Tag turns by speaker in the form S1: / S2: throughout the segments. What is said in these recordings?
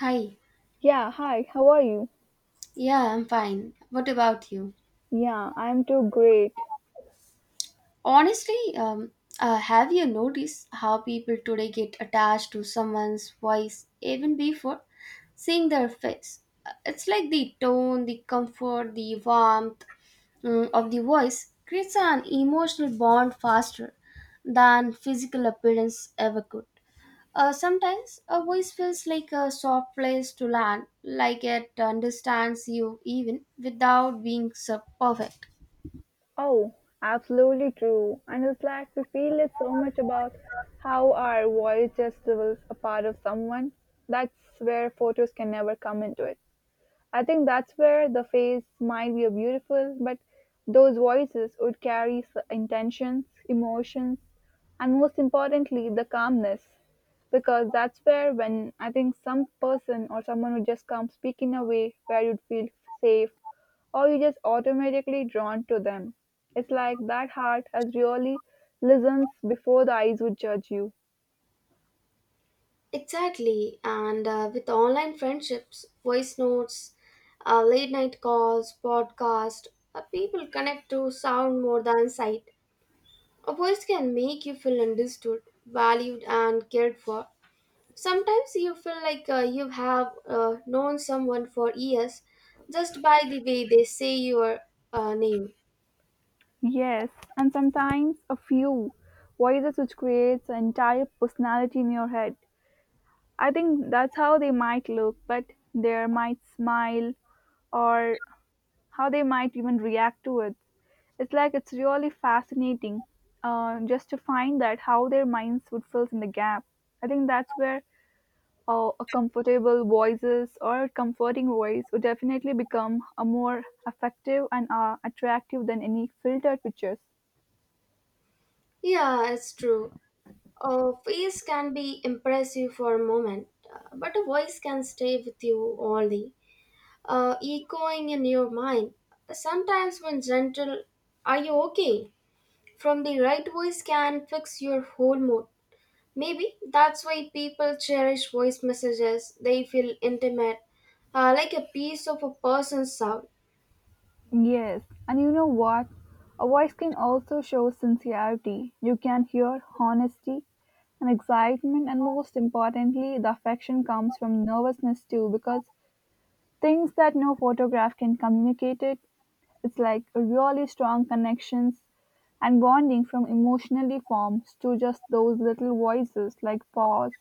S1: Hi.
S2: Yeah, hi, how are you?
S1: Yeah, I'm fine. What about you?
S2: Yeah, I'm too great.
S1: Honestly, have you noticed how people today get attached to someone's voice even before seeing their face? It's like the tone, the comfort, the warmth of the voice creates an emotional bond faster than physical appearance ever could. Sometimes a voice feels like a soft place to land, like it understands you even without being so perfect.
S2: Oh, absolutely true. And it's like we feel it so much about how our voice just was a part of someone. That's where photos can never come into it. I think that's where the face might be beautiful, but those voices would carry intentions, emotions, and most importantly, the calmness. Because that's where, when I think some person or someone would just come speak in a way where you'd feel safe, or you just automatically drawn to them. It's like that heart has really listens before the eyes would judge you.
S1: Exactly, and with online friendships, voice notes, late night calls, podcast, people connect to sound more than sight. A voice can make you feel understood, valued, and cared for. Sometimes you feel like you have known someone for years just by the way they say your name.
S2: Yes, and sometimes a few voices which creates an entire personality in your head. I think that's how they might look, but they might smile or how they might even react to it. It's like it's really fascinating just to find that how their minds would fill in the gap. I think that's where a comfortable voices or a comforting voice would definitely become a more effective and attractive than any filtered pictures.
S1: Yeah, it's true. A face can be impressive for a moment, but a voice can stay with you all day, echoing in your mind. Sometimes, when gentle, are you okay? From the right voice can fix your whole mood. Maybe that's why people cherish voice messages. They feel intimate, like a piece of a person's sound.
S2: Yes, and you know what? A voice can also show sincerity. You can hear honesty and excitement, and most importantly, the affection comes from nervousness too, because things that no photograph can communicate it. It's like really strong connections and bonding from emotionally forms to just those little voices like pause,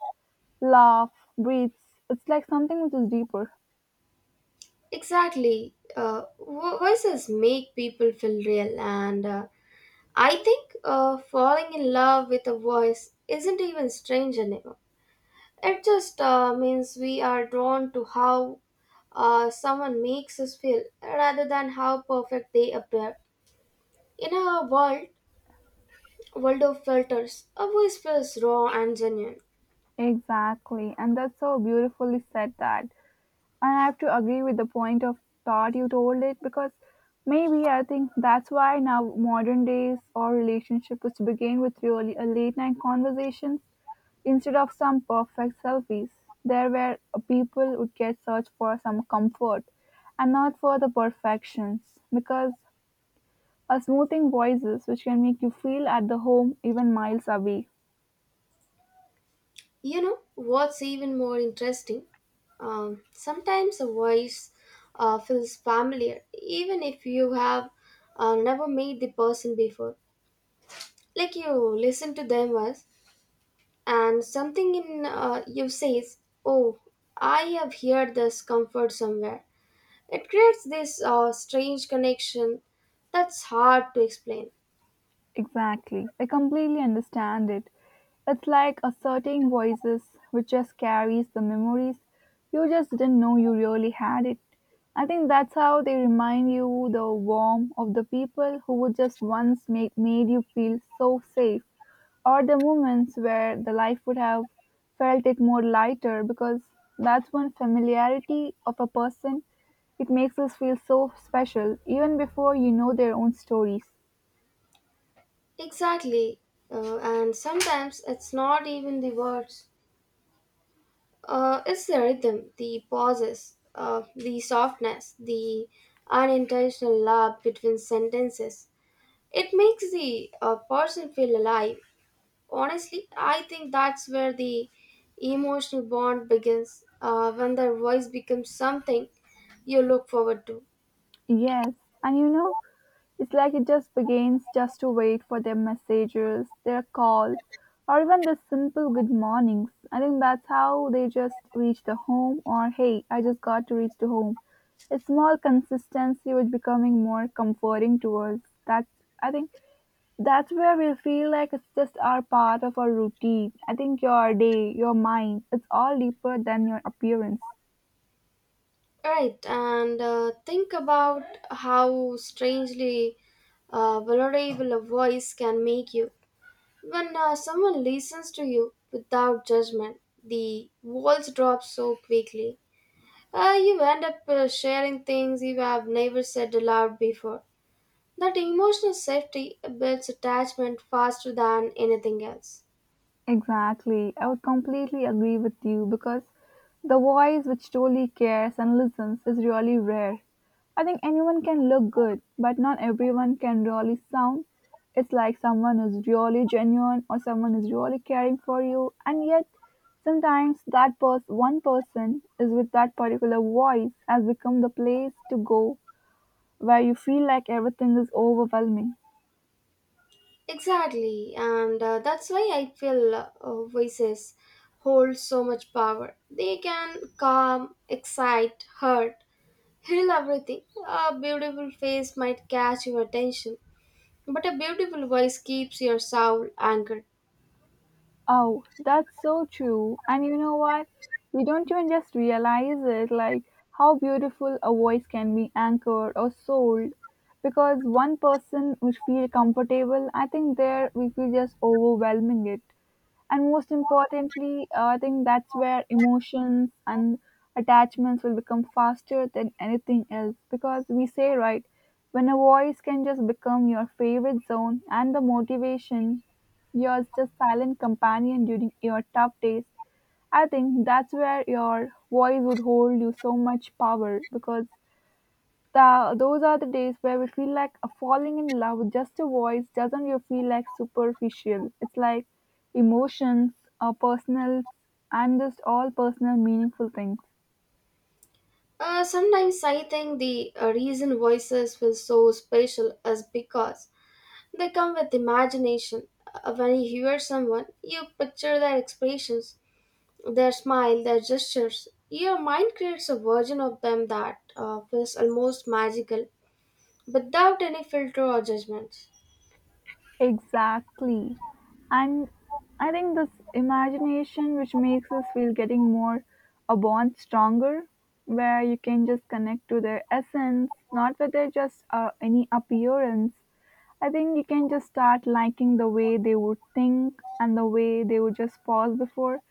S2: laugh, breathes. It's like something which is deeper.
S1: Exactly. Voices make people feel real, and I think falling in love with a voice isn't even strange anymore. It just means we are drawn to how someone makes us feel rather than how perfect they appear. In a world of filters, a voice feels raw and genuine.
S2: Exactly, and that's so beautifully said that. And I have to agree with the point of thought you told it because maybe I think that's why now modern days or relationship is to begin with really a late night conversations instead of some perfect selfies. There where people would get search for some comfort and not for the perfections because a smoothing voices which can make you feel at the home even miles away.
S1: You know what's even more interesting? Sometimes a voice feels familiar, even if you have never met the person before. Like you listen to them once, and something in you says, "Oh, I have heard this comfort somewhere." It creates this strange connection that's hard to explain.
S2: Exactly. I completely understand it. It's like a certain voices which just carries the memories you just didn't know you really had it. I think that's how they remind you the warmth of the people who would just once make made you feel so safe or the moments where the life would have felt it more lighter because that's when familiarity of a person it makes us feel so special even before you know their own stories.
S1: Exactly, and sometimes it's not even the words. It's the rhythm, the pauses, the softness, the unintentional love between sentences. It makes the person feel alive. Honestly, I think that's where the emotional bond begins when their voice becomes something you look forward to.
S2: Yes, and you know, it's like it just begins just to wait for their messages, their calls, or even the simple good mornings. I think that's how they just reach the home or hey, I just got to reach the home. A small consistency was becoming more comforting to us. That's I think that's where we feel like it's just our part of our routine. I think your day, your mind, it's all deeper than your appearance.
S1: Right, and think about how strangely vulnerable a voice can make you. When someone listens to you without judgment, the walls drop so quickly. You end up sharing things you have never said aloud before. That emotional safety builds attachment faster than anything else.
S2: Exactly. I would completely agree with you because the voice which truly cares and listens is really rare. I think anyone can look good, but not everyone can really sound. It's like someone is really genuine or someone is really caring for you, and yet sometimes that one person is with that particular voice has become the place to go where you feel like everything is overwhelming.
S1: Exactly, and that's why I feel voices hold so much power. They can calm, excite, hurt, heal everything. A beautiful face might catch your attention, but a beautiful voice keeps your soul anchored.
S2: Oh, that's so true. And you know what? We don't even just realize it, like how beautiful a voice can be anchored or sold. Because one person would feel comfortable, I think there we feel just overwhelming it. And most importantly, I think that's where emotions and attachments will become faster than anything else. Because we say, right, when a voice can just become your favorite zone and the motivation you're just silent companion during your tough days. I think that's where your voice would hold you so much power because those are the days where we feel like a falling in love with just a voice doesn't you feel like superficial. It's like emotions, or personal, and just all personal meaningful things.
S1: Sometimes I think the reason voices feel so special is because they come with imagination. When you hear someone, you picture their expressions, their smile, their gestures. Your mind creates a version of them that feels almost magical without any filter or judgments.
S2: Exactly. And I think this imagination which makes us feel getting more a bond stronger, where you can just connect to their essence, not with their just any appearance. I think you can just start liking the way they would think and the way they would just pause before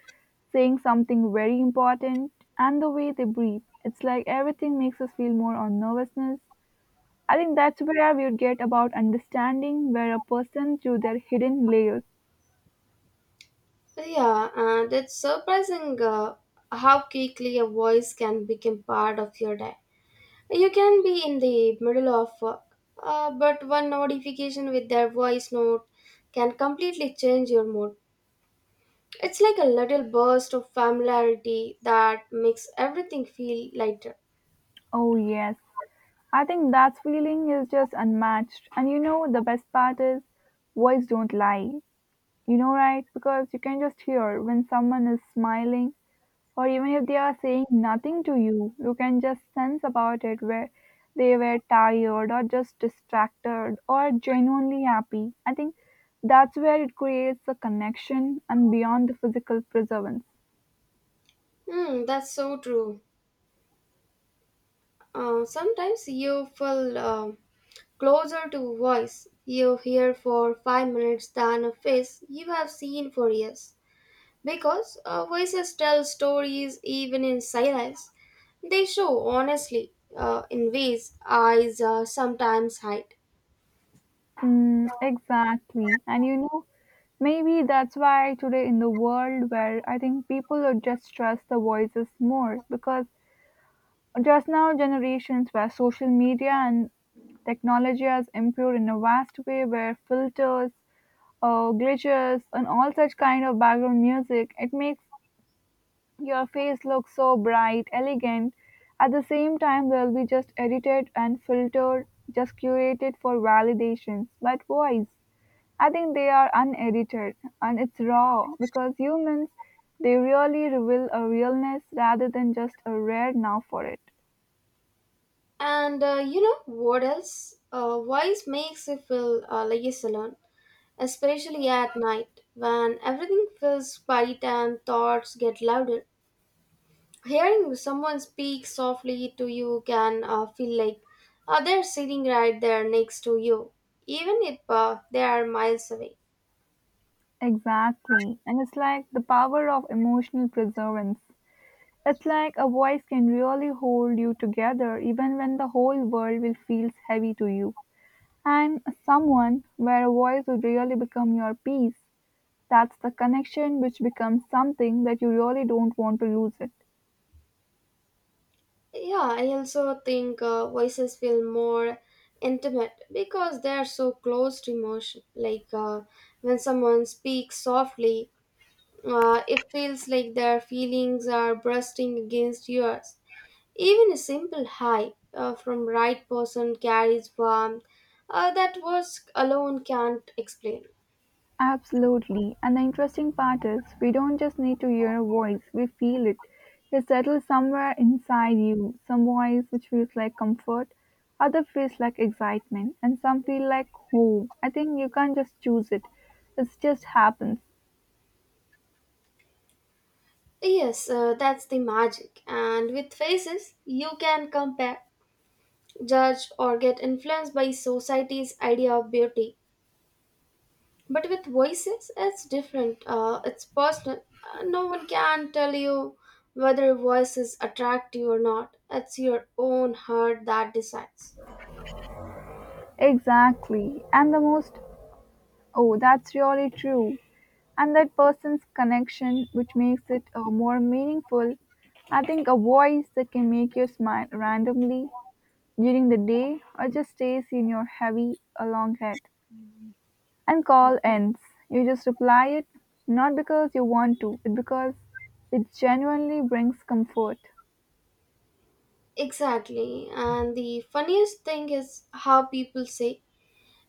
S2: saying something very important and the way they breathe. It's like everything makes us feel more on nervousness. I think that's where we would get about understanding where a person through their hidden layers.
S1: Yeah, and it's surprising how quickly a voice can become part of your day. You can be in the middle of work, but one notification with their voice note can completely change your mood. It's like a little burst of familiarity that makes everything feel lighter.
S2: Oh, yes. I think that feeling is just unmatched. And you know, the best part is words don't lie. You know, right? Because you can just hear when someone is smiling, or even if they are saying nothing to you, you can just sense about it where they were tired, or just distracted, or genuinely happy. I think that's where it creates a connection and beyond the physical preservance.
S1: Hmm, that's so true. Sometimes you feel closer to a voice you hear for 5 minutes than a face you have seen for years. Because voices tell stories even in silence. They show honestly in ways eyes sometimes hide.
S2: Mm, exactly. And you know, maybe that's why today in the world where I think people would just trust the voices more because just now generations where social media and technology has improved in a vast way where filters glitches and all such kind of background music it makes your face look so bright elegant at the same time they'll be just edited and filtered just curated for validations but voice I think they are unedited and it's raw because humans they really reveal a realness rather than just a rare now for it.
S1: And you know what else? Voice makes you feel less alone, especially at night when everything feels quiet and thoughts get louder. Hearing someone speak softly to you can feel like they're sitting right there next to you, even if they are miles away.
S2: Exactly. And it's like the power of emotional preservance. It's like a voice can really hold you together even when the whole world will feels heavy to you. And someone where a voice would really become your peace. That's the connection which becomes something that you really don't want to lose it.
S1: Yeah, I also think voices feel more intimate because they are so close to emotion. Like when someone speaks softly, it feels like their feelings are bursting against yours. Even a simple hi from right person carries warmth that words alone can't explain.
S2: Absolutely. And the interesting part is, we don't just need to hear a voice, we feel it. It settles somewhere inside you. Some voice which feels like comfort, other feels like excitement, and some feel like home. I think you can't just choose it, it just happens.
S1: Yes, that's the magic. And with faces, you can compare, judge, or get influenced by society's idea of beauty, but with voices it's different. Uh, it's personal. No one can tell you whether a voice is attractive or not. It's your own heart that decides.
S2: Exactly. And the most, oh, that's really true. And that person's connection, which makes it more meaningful. I think a voice that can make you smile randomly during the day, or just stays in your heavy, a long head. And call ends. You just reply it, not because you want to, but because it genuinely brings comfort.
S1: Exactly, and the funniest thing is how people say,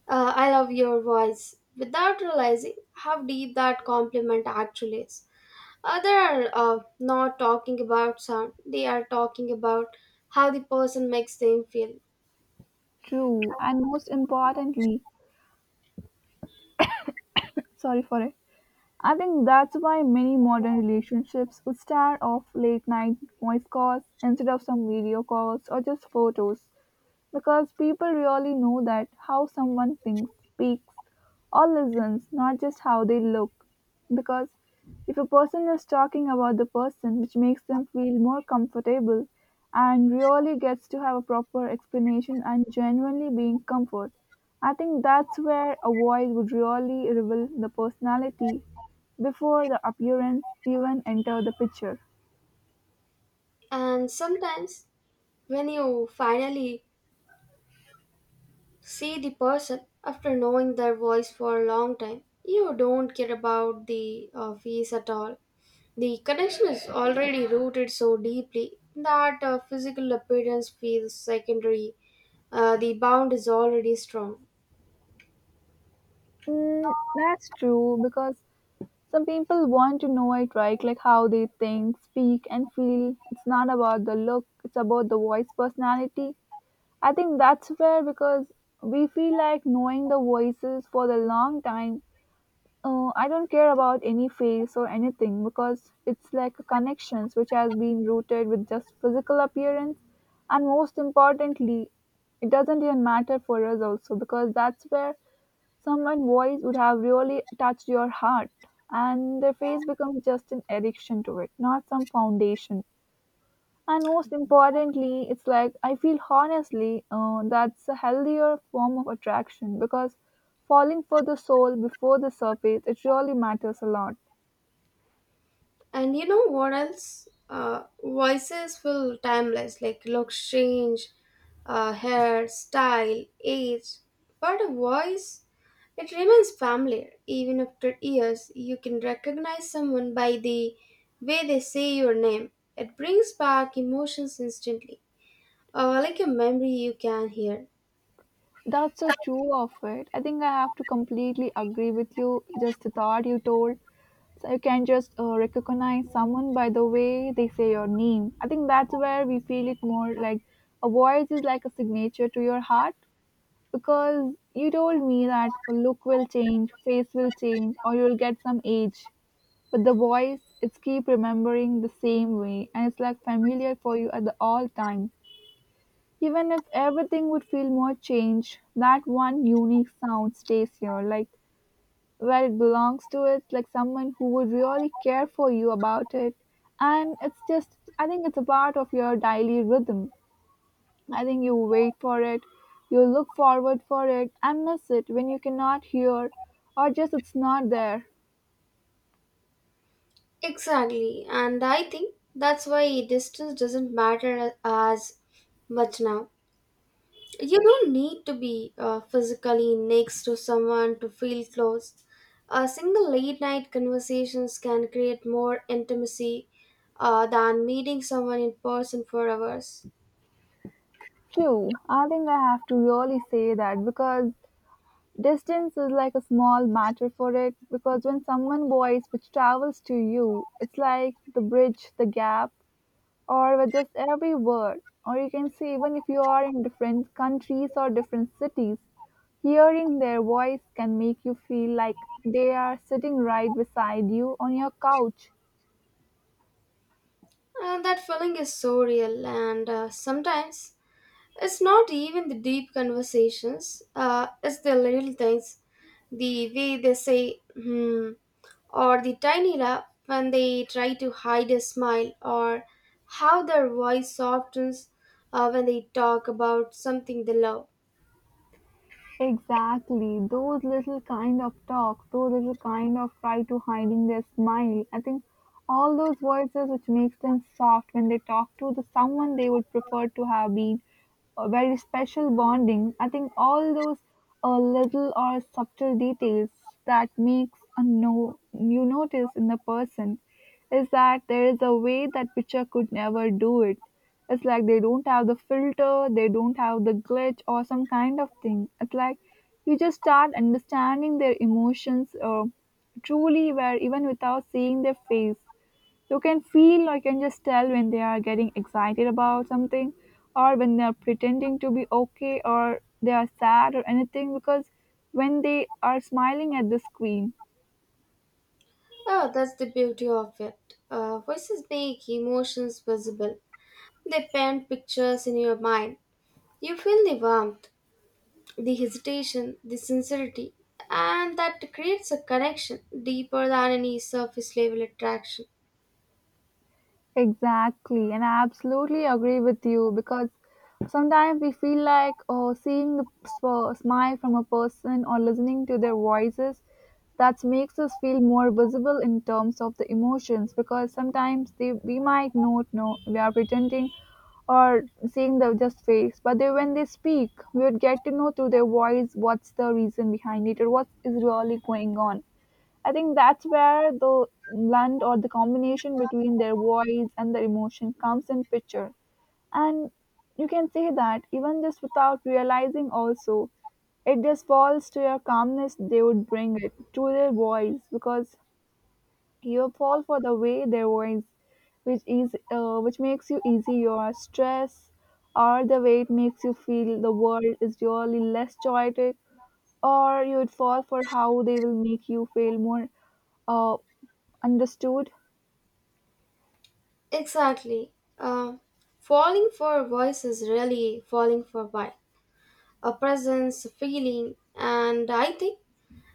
S1: "I love your voice," without realizing how deep that compliment actually is. They are not talking about sound. They are talking about how the person makes them feel.
S2: True, and most importantly, sorry for it. I think that's why many modern relationships would start off late night voice calls instead of some video calls or just photos. Because people really know that how someone thinks, speaks, or listens, not just how they look. Because if a person is talking about the person, which makes them feel more comfortable and really gets to have a proper explanation and genuinely being comfort, I think that's where a voice would really reveal the personality before the appearance even enter the picture.
S1: And sometimes when you finally see the person after knowing their voice for a long time, you don't care about the face at all. The connection is already rooted so deeply that physical appearance feels secondary. The bond is already strong.
S2: Mm, that's true because some people want to know it right, like how they think, speak, and feel. It's not about the look, it's about the voice personality. I think that's fair because we feel like knowing the voices for the long time. I don't care about any face or anything because it's like a connections which has been rooted with just physical appearance, and most importantly, it doesn't even matter for us also because that's where someone's voice would have really touched your heart, and their face becomes just an addiction to it, not some foundation. And most importantly, it's like I feel honestly that's a healthier form of attraction because falling for the soul before the surface, it really matters a lot.
S1: And you know what else? Voices feel timeless, like looks change, hair, style, age. But a voice, it remains familiar. Even after years, you can recognize someone by the way they say your name. It brings back emotions instantly, like a memory you can hear.
S2: That's so true of it. I think I have to completely agree with you. Just the thought you told, so you can just recognize someone by the way they say your name. I think that's where we feel it more like a voice is like a signature to your heart because you told me that a look will change, face will change, or you'll get some age. But the voice, it's keep remembering the same way and it's like familiar for you at the all time. Even if everything would feel more changed, that one unique sound stays here. Like where it belongs to it, like someone who would really care for you about it. And it's just, I think it's a part of your daily rhythm. I think you wait for it, you look forward for it, and miss it when you cannot hear or just it's not there.
S1: Exactly, and I think that's why distance doesn't matter as much now. You don't need to be physically next to someone to feel close. A single late night conversations can create more intimacy than meeting someone in person for hours.
S2: True, I think I have to really say that because distance is like a small matter for it. Because when someone voice which travels to you, it's like the bridge, the gap or with just every word. Or you can say, even if you are in different countries or different cities, hearing their voice can make you feel like they are sitting right beside you on your couch.
S1: And that feeling is so real, and sometimes it's not even the deep conversations, it's the little things. The way they say, hmm, or the tiny laugh when they try to hide a smile, or how their voice softens when they talk about something they love.
S2: Exactly. Those little kind of talk, those little kind of try to hiding their smile. I think all those voices which makes them soft when they talk to the someone they would prefer to have been a very special bonding. I think all those little or subtle details that makes a no you notice in the person is that there is a way that picture could never do it. It's like they don't have the filter, they don't have the glitch or some kind of thing. It's like you just start understanding their emotions truly, where even without seeing their face, you can feel or you can just tell when they are getting excited about something or when they are pretending to be okay or they are sad or anything because when they are smiling at the screen.
S1: Oh, that's the beauty of it. Voices make emotions visible. They paint pictures in your mind. You feel the warmth, the hesitation, the sincerity, and that creates a connection deeper than any surface level attraction.
S2: Exactly, and I absolutely agree with you because sometimes we feel like oh, seeing the smile from a person or listening to their voices that makes us feel more visible in terms of the emotions because sometimes we might not know we are pretending or seeing the just face but they, when they speak we would get to know through their voice what's the reason behind it or what is really going on. I think that's where the blend or the combination between their voice and their emotion comes in picture. And you can say that even just without realizing also, it just falls to your calmness they would bring it to their voice because you fall for the way their voice which is which makes you easy your stress, or the way it makes you feel the world is really less chaotic, or you would fall for how they will make you feel more, uh, understood?
S1: Exactly. Um, falling for a voice is really falling for a vibe, a presence, a feeling, and I think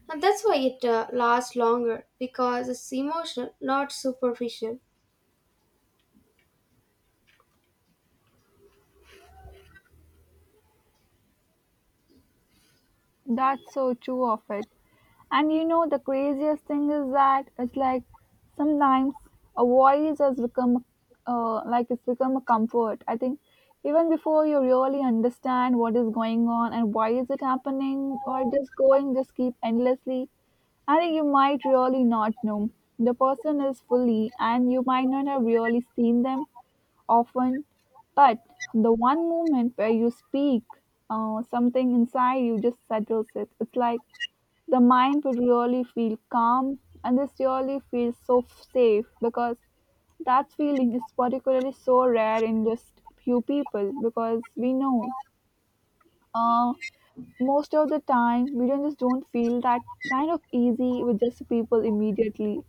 S1: and that's why it lasts longer because it's emotional, not superficial.
S2: That's so true of it. And you know, the craziest thing is that it's like sometimes a voice has become, like it's become a comfort. I think even before you really understand what is going on and why is it happening or just going just keep endlessly, I think you might really not know. The person is fully and you might not have really seen them often, but the one moment where you speak, something inside you just settles it. It's like the mind would really feel calm and this really feels so safe because that feeling is particularly so rare in just few people because we know, uh, most of the time we don't feel that kind of easy with just people immediately.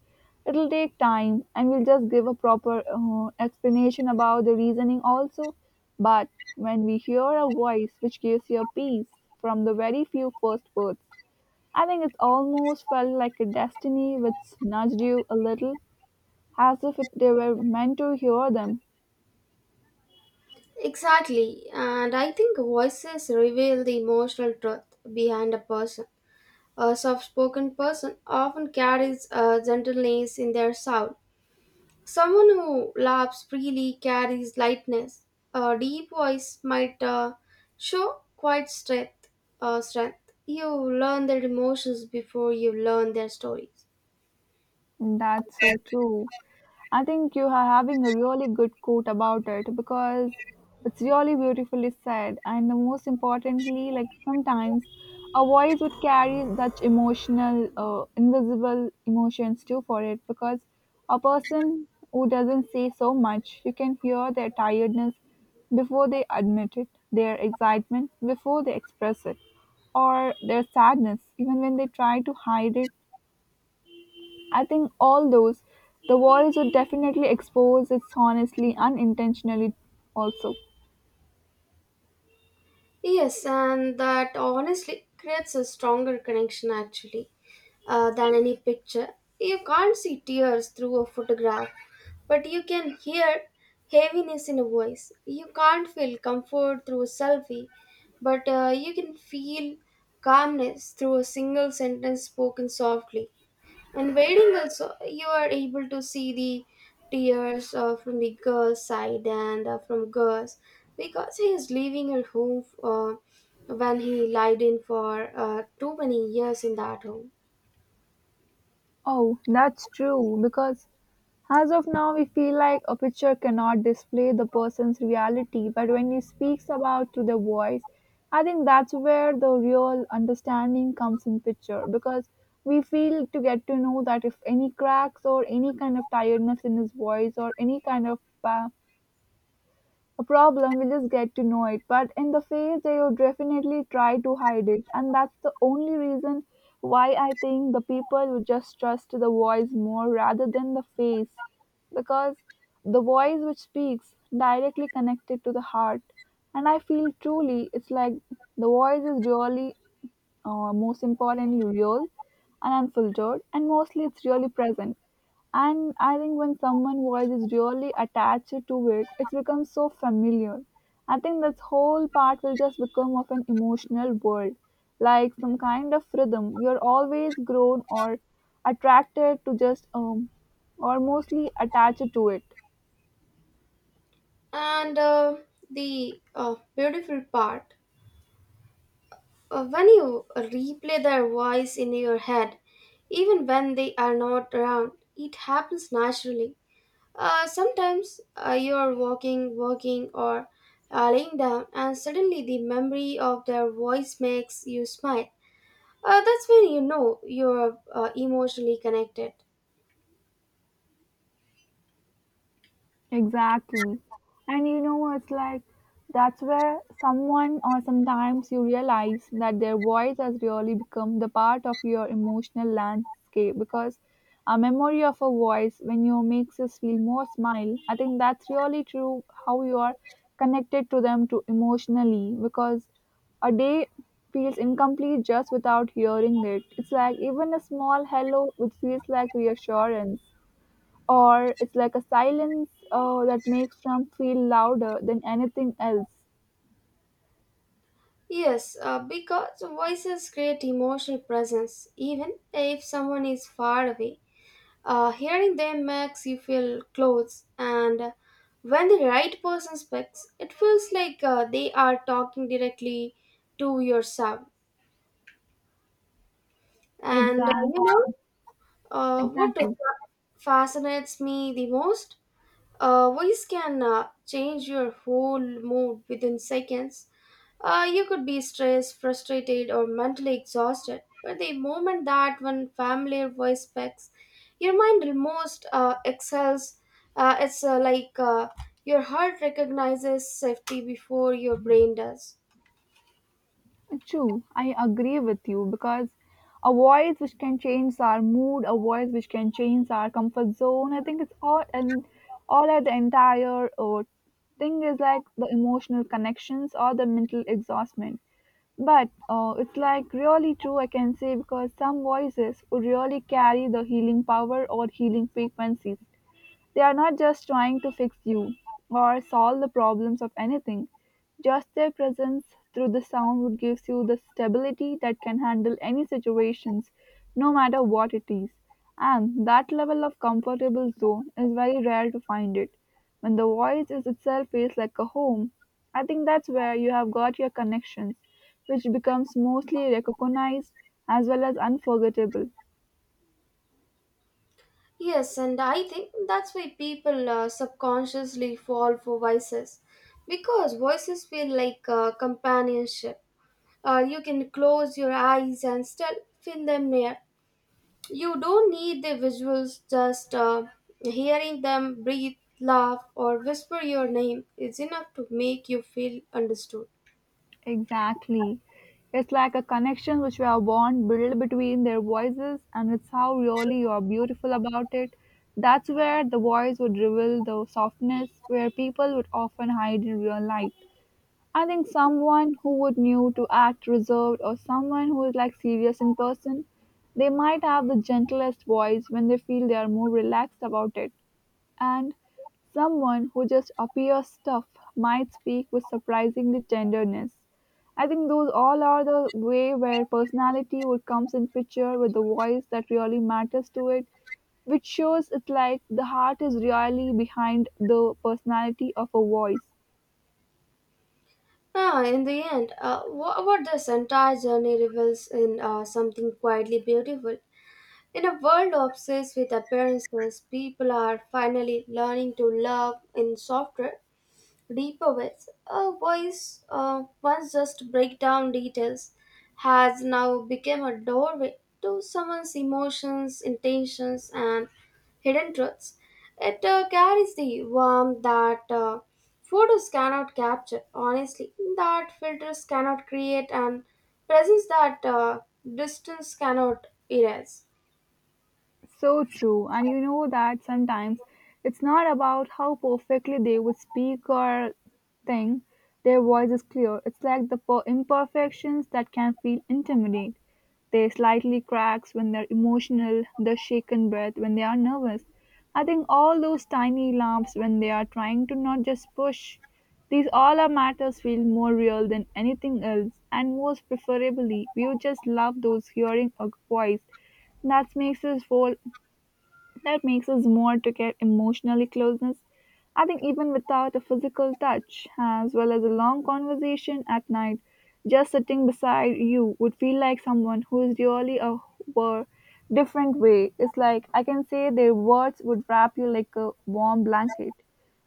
S2: It'll take time and we'll just give a proper explanation about the reasoning also. But when we hear a voice which gives you peace from the very few first words, I think it's almost felt like a destiny which nudged you a little, as if it, they were meant to hear them.
S1: Exactly, and I think voices reveal the emotional truth behind a person. A soft spoken person often carries a gentleness in their sound. Someone who laughs freely carries lightness. A deep voice might show quite strength. You learn their emotions before you learn their stories.
S2: That's so true. I think you are having a really good quote about it because it's really beautifully said. And the most importantly, like sometimes a voice would carry such emotional, invisible emotions too for it because a person who doesn't say so much, you can hear their tiredness before they admit it, their excitement before they express it, or their sadness, even when they try to hide it. I think all those. The walls would definitely expose it honestly, unintentionally also.
S1: Yes, and that honestly creates a stronger connection actually, than any picture. You can't see tears through a photograph, but you can hear heaviness in a voice. You can't feel comfort through a selfie, but you can feel calmness through a single sentence spoken softly. And wedding also, you are able to see the tears from the girl's side and from girls because he is leaving her home when he lied in for too many years in that home.
S2: Oh, that's true, because as of now, we feel like a picture cannot display the person's reality, but when he speaks about through the voice, I think that's where the real understanding comes in picture because we feel to get to know that if any cracks or any kind of tiredness in his voice or any kind of, uh, a problem, we just get to know it. But in the face, they would definitely try to hide it. And that's the only reason why I think the people would just trust the voice more rather than the face. Because the voice which speaks directly connected to the heart. And I feel truly it's like the voice is really, most importantly real and unfiltered and mostly it's really present. And I think when someone's voice is really attached to it, it becomes so familiar. I think this whole part will just become of an emotional world, like some kind of rhythm you're always grown or attracted to, just or mostly attached to it.
S1: And the beautiful part when you replay their voice in your head, even when they are not around, it happens naturally. Sometimes you're walking, or laying down, and suddenly the memory of their voice makes you smile. That's when you know you're emotionally connected.
S2: Exactly. And you know, it's like that's where someone or sometimes you realize that their voice has really become the part of your emotional landscape because a memory of a voice when you makes us feel more smile, I think that's really true how you are connected to them to emotionally because a day feels incomplete just without hearing it. It's like even a small hello which feels like reassurance, or it's like a silence that makes them feel louder than anything else.
S1: Yes, because voices create emotional presence, even if someone is far away. Hearing them makes you feel close, and when the right person speaks, it feels like they are talking directly to yourself. And uh,
S2: Exact,
S1: you know uh, what
S2: exactly.
S1: fascinates me the most? Voice can change your whole mood within seconds. You could be stressed, frustrated, or mentally exhausted, but the moment that one familiar voice speaks, your mind almost excels. It's like your heart recognizes safety before your brain does.
S2: True, I agree with you because a voice which can change our mood, a voice which can change our comfort zone. I think it's all and all at the entire thing is like the emotional connections or the mental exhaustment. But it's like really true, I can say, because some voices would really carry the healing power or healing frequencies. They are not just trying to fix you or solve the problems of anything. Just their presence through the sound would gives you the stability that can handle any situations, no matter what it is. And that level of comfortable zone is very rare to find it. When the voice is itself feels like a home, I think that's where you have got your connections, which becomes mostly recognized as well as unforgettable.
S1: Yes, and I think that's why people subconsciously fall for voices because voices feel like companionship. You can close your eyes and still feel them near. You don't need the visuals, just hearing them breathe, laugh, or whisper your name is enough to make you feel understood.
S2: Exactly. It's like a connection which we are born, built between their voices, and it's how really you are beautiful about it. That's where the voice would reveal the softness where people would often hide in real life. I think someone who would knew to act reserved or someone who is like serious in person, they might have the gentlest voice when they feel they are more relaxed about it. And someone who just appears tough might speak with surprisingly tenderness. I think those all are the way where personality would comes in picture with the voice that really matters to it, which shows it's like the heart is really behind the personality of a voice.
S1: Ah, in the end, what this entire journey reveals in something quietly beautiful. In a world obsessed with appearances, people are finally learning to love in softer, deeper with. A voice once just break down details has now become a doorway to someone's emotions, intentions, and hidden truths. It carries the warmth that photos cannot capture, honestly, that filters cannot create, and presence that distance cannot erase.
S2: So true. And you know that sometimes it's not about how perfectly they would speak or thing, their voice is clear. It's like the imperfections that can feel intimidate. They slightly cracks when they're emotional, the shaken breath when they are nervous. I think all those tiny lumps when they are trying to not just push. These all our matters feel more real than anything else, and most preferably, we would just love those hearing a voice that makes us roll, that makes us more to get emotionally closeness. I think even without a physical touch, as well as a long conversation at night, just sitting beside you would feel like someone who is really a were different way. It's like I can say their words would wrap you like a warm blanket.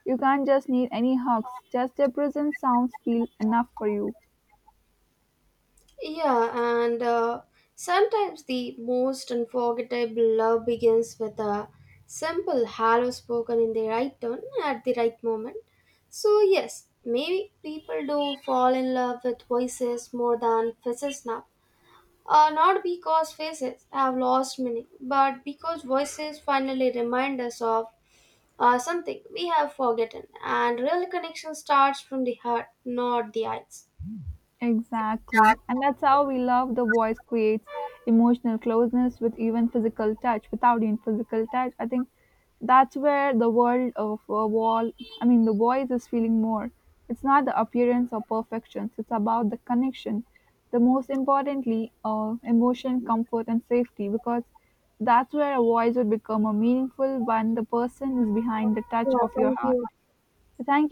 S2: You can't just need any hugs, just their presence sounds feel enough for you.
S1: Yeah, and sometimes the most unforgettable love begins with a simple hello spoken in the right tone at the right moment. So, yes, maybe people do fall in love with voices more than faces now. Not because faces have lost meaning, but because voices finally remind us of something we have forgotten. And real connection starts from the heart, not the eyes.
S2: Exactly. And that's how we love the voice creates emotional closeness with even physical touch. Without even physical touch, I think that's where the world of a wall, I mean, the voice is feeling more. It's not the appearance or perfections, it's about the connection. The most importantly, emotion, comfort, and safety, because that's where a voice would become a meaningful when the person is behind the touch
S1: Yeah,
S2: of your
S1: thank
S2: heart.
S1: you.
S2: Thank you.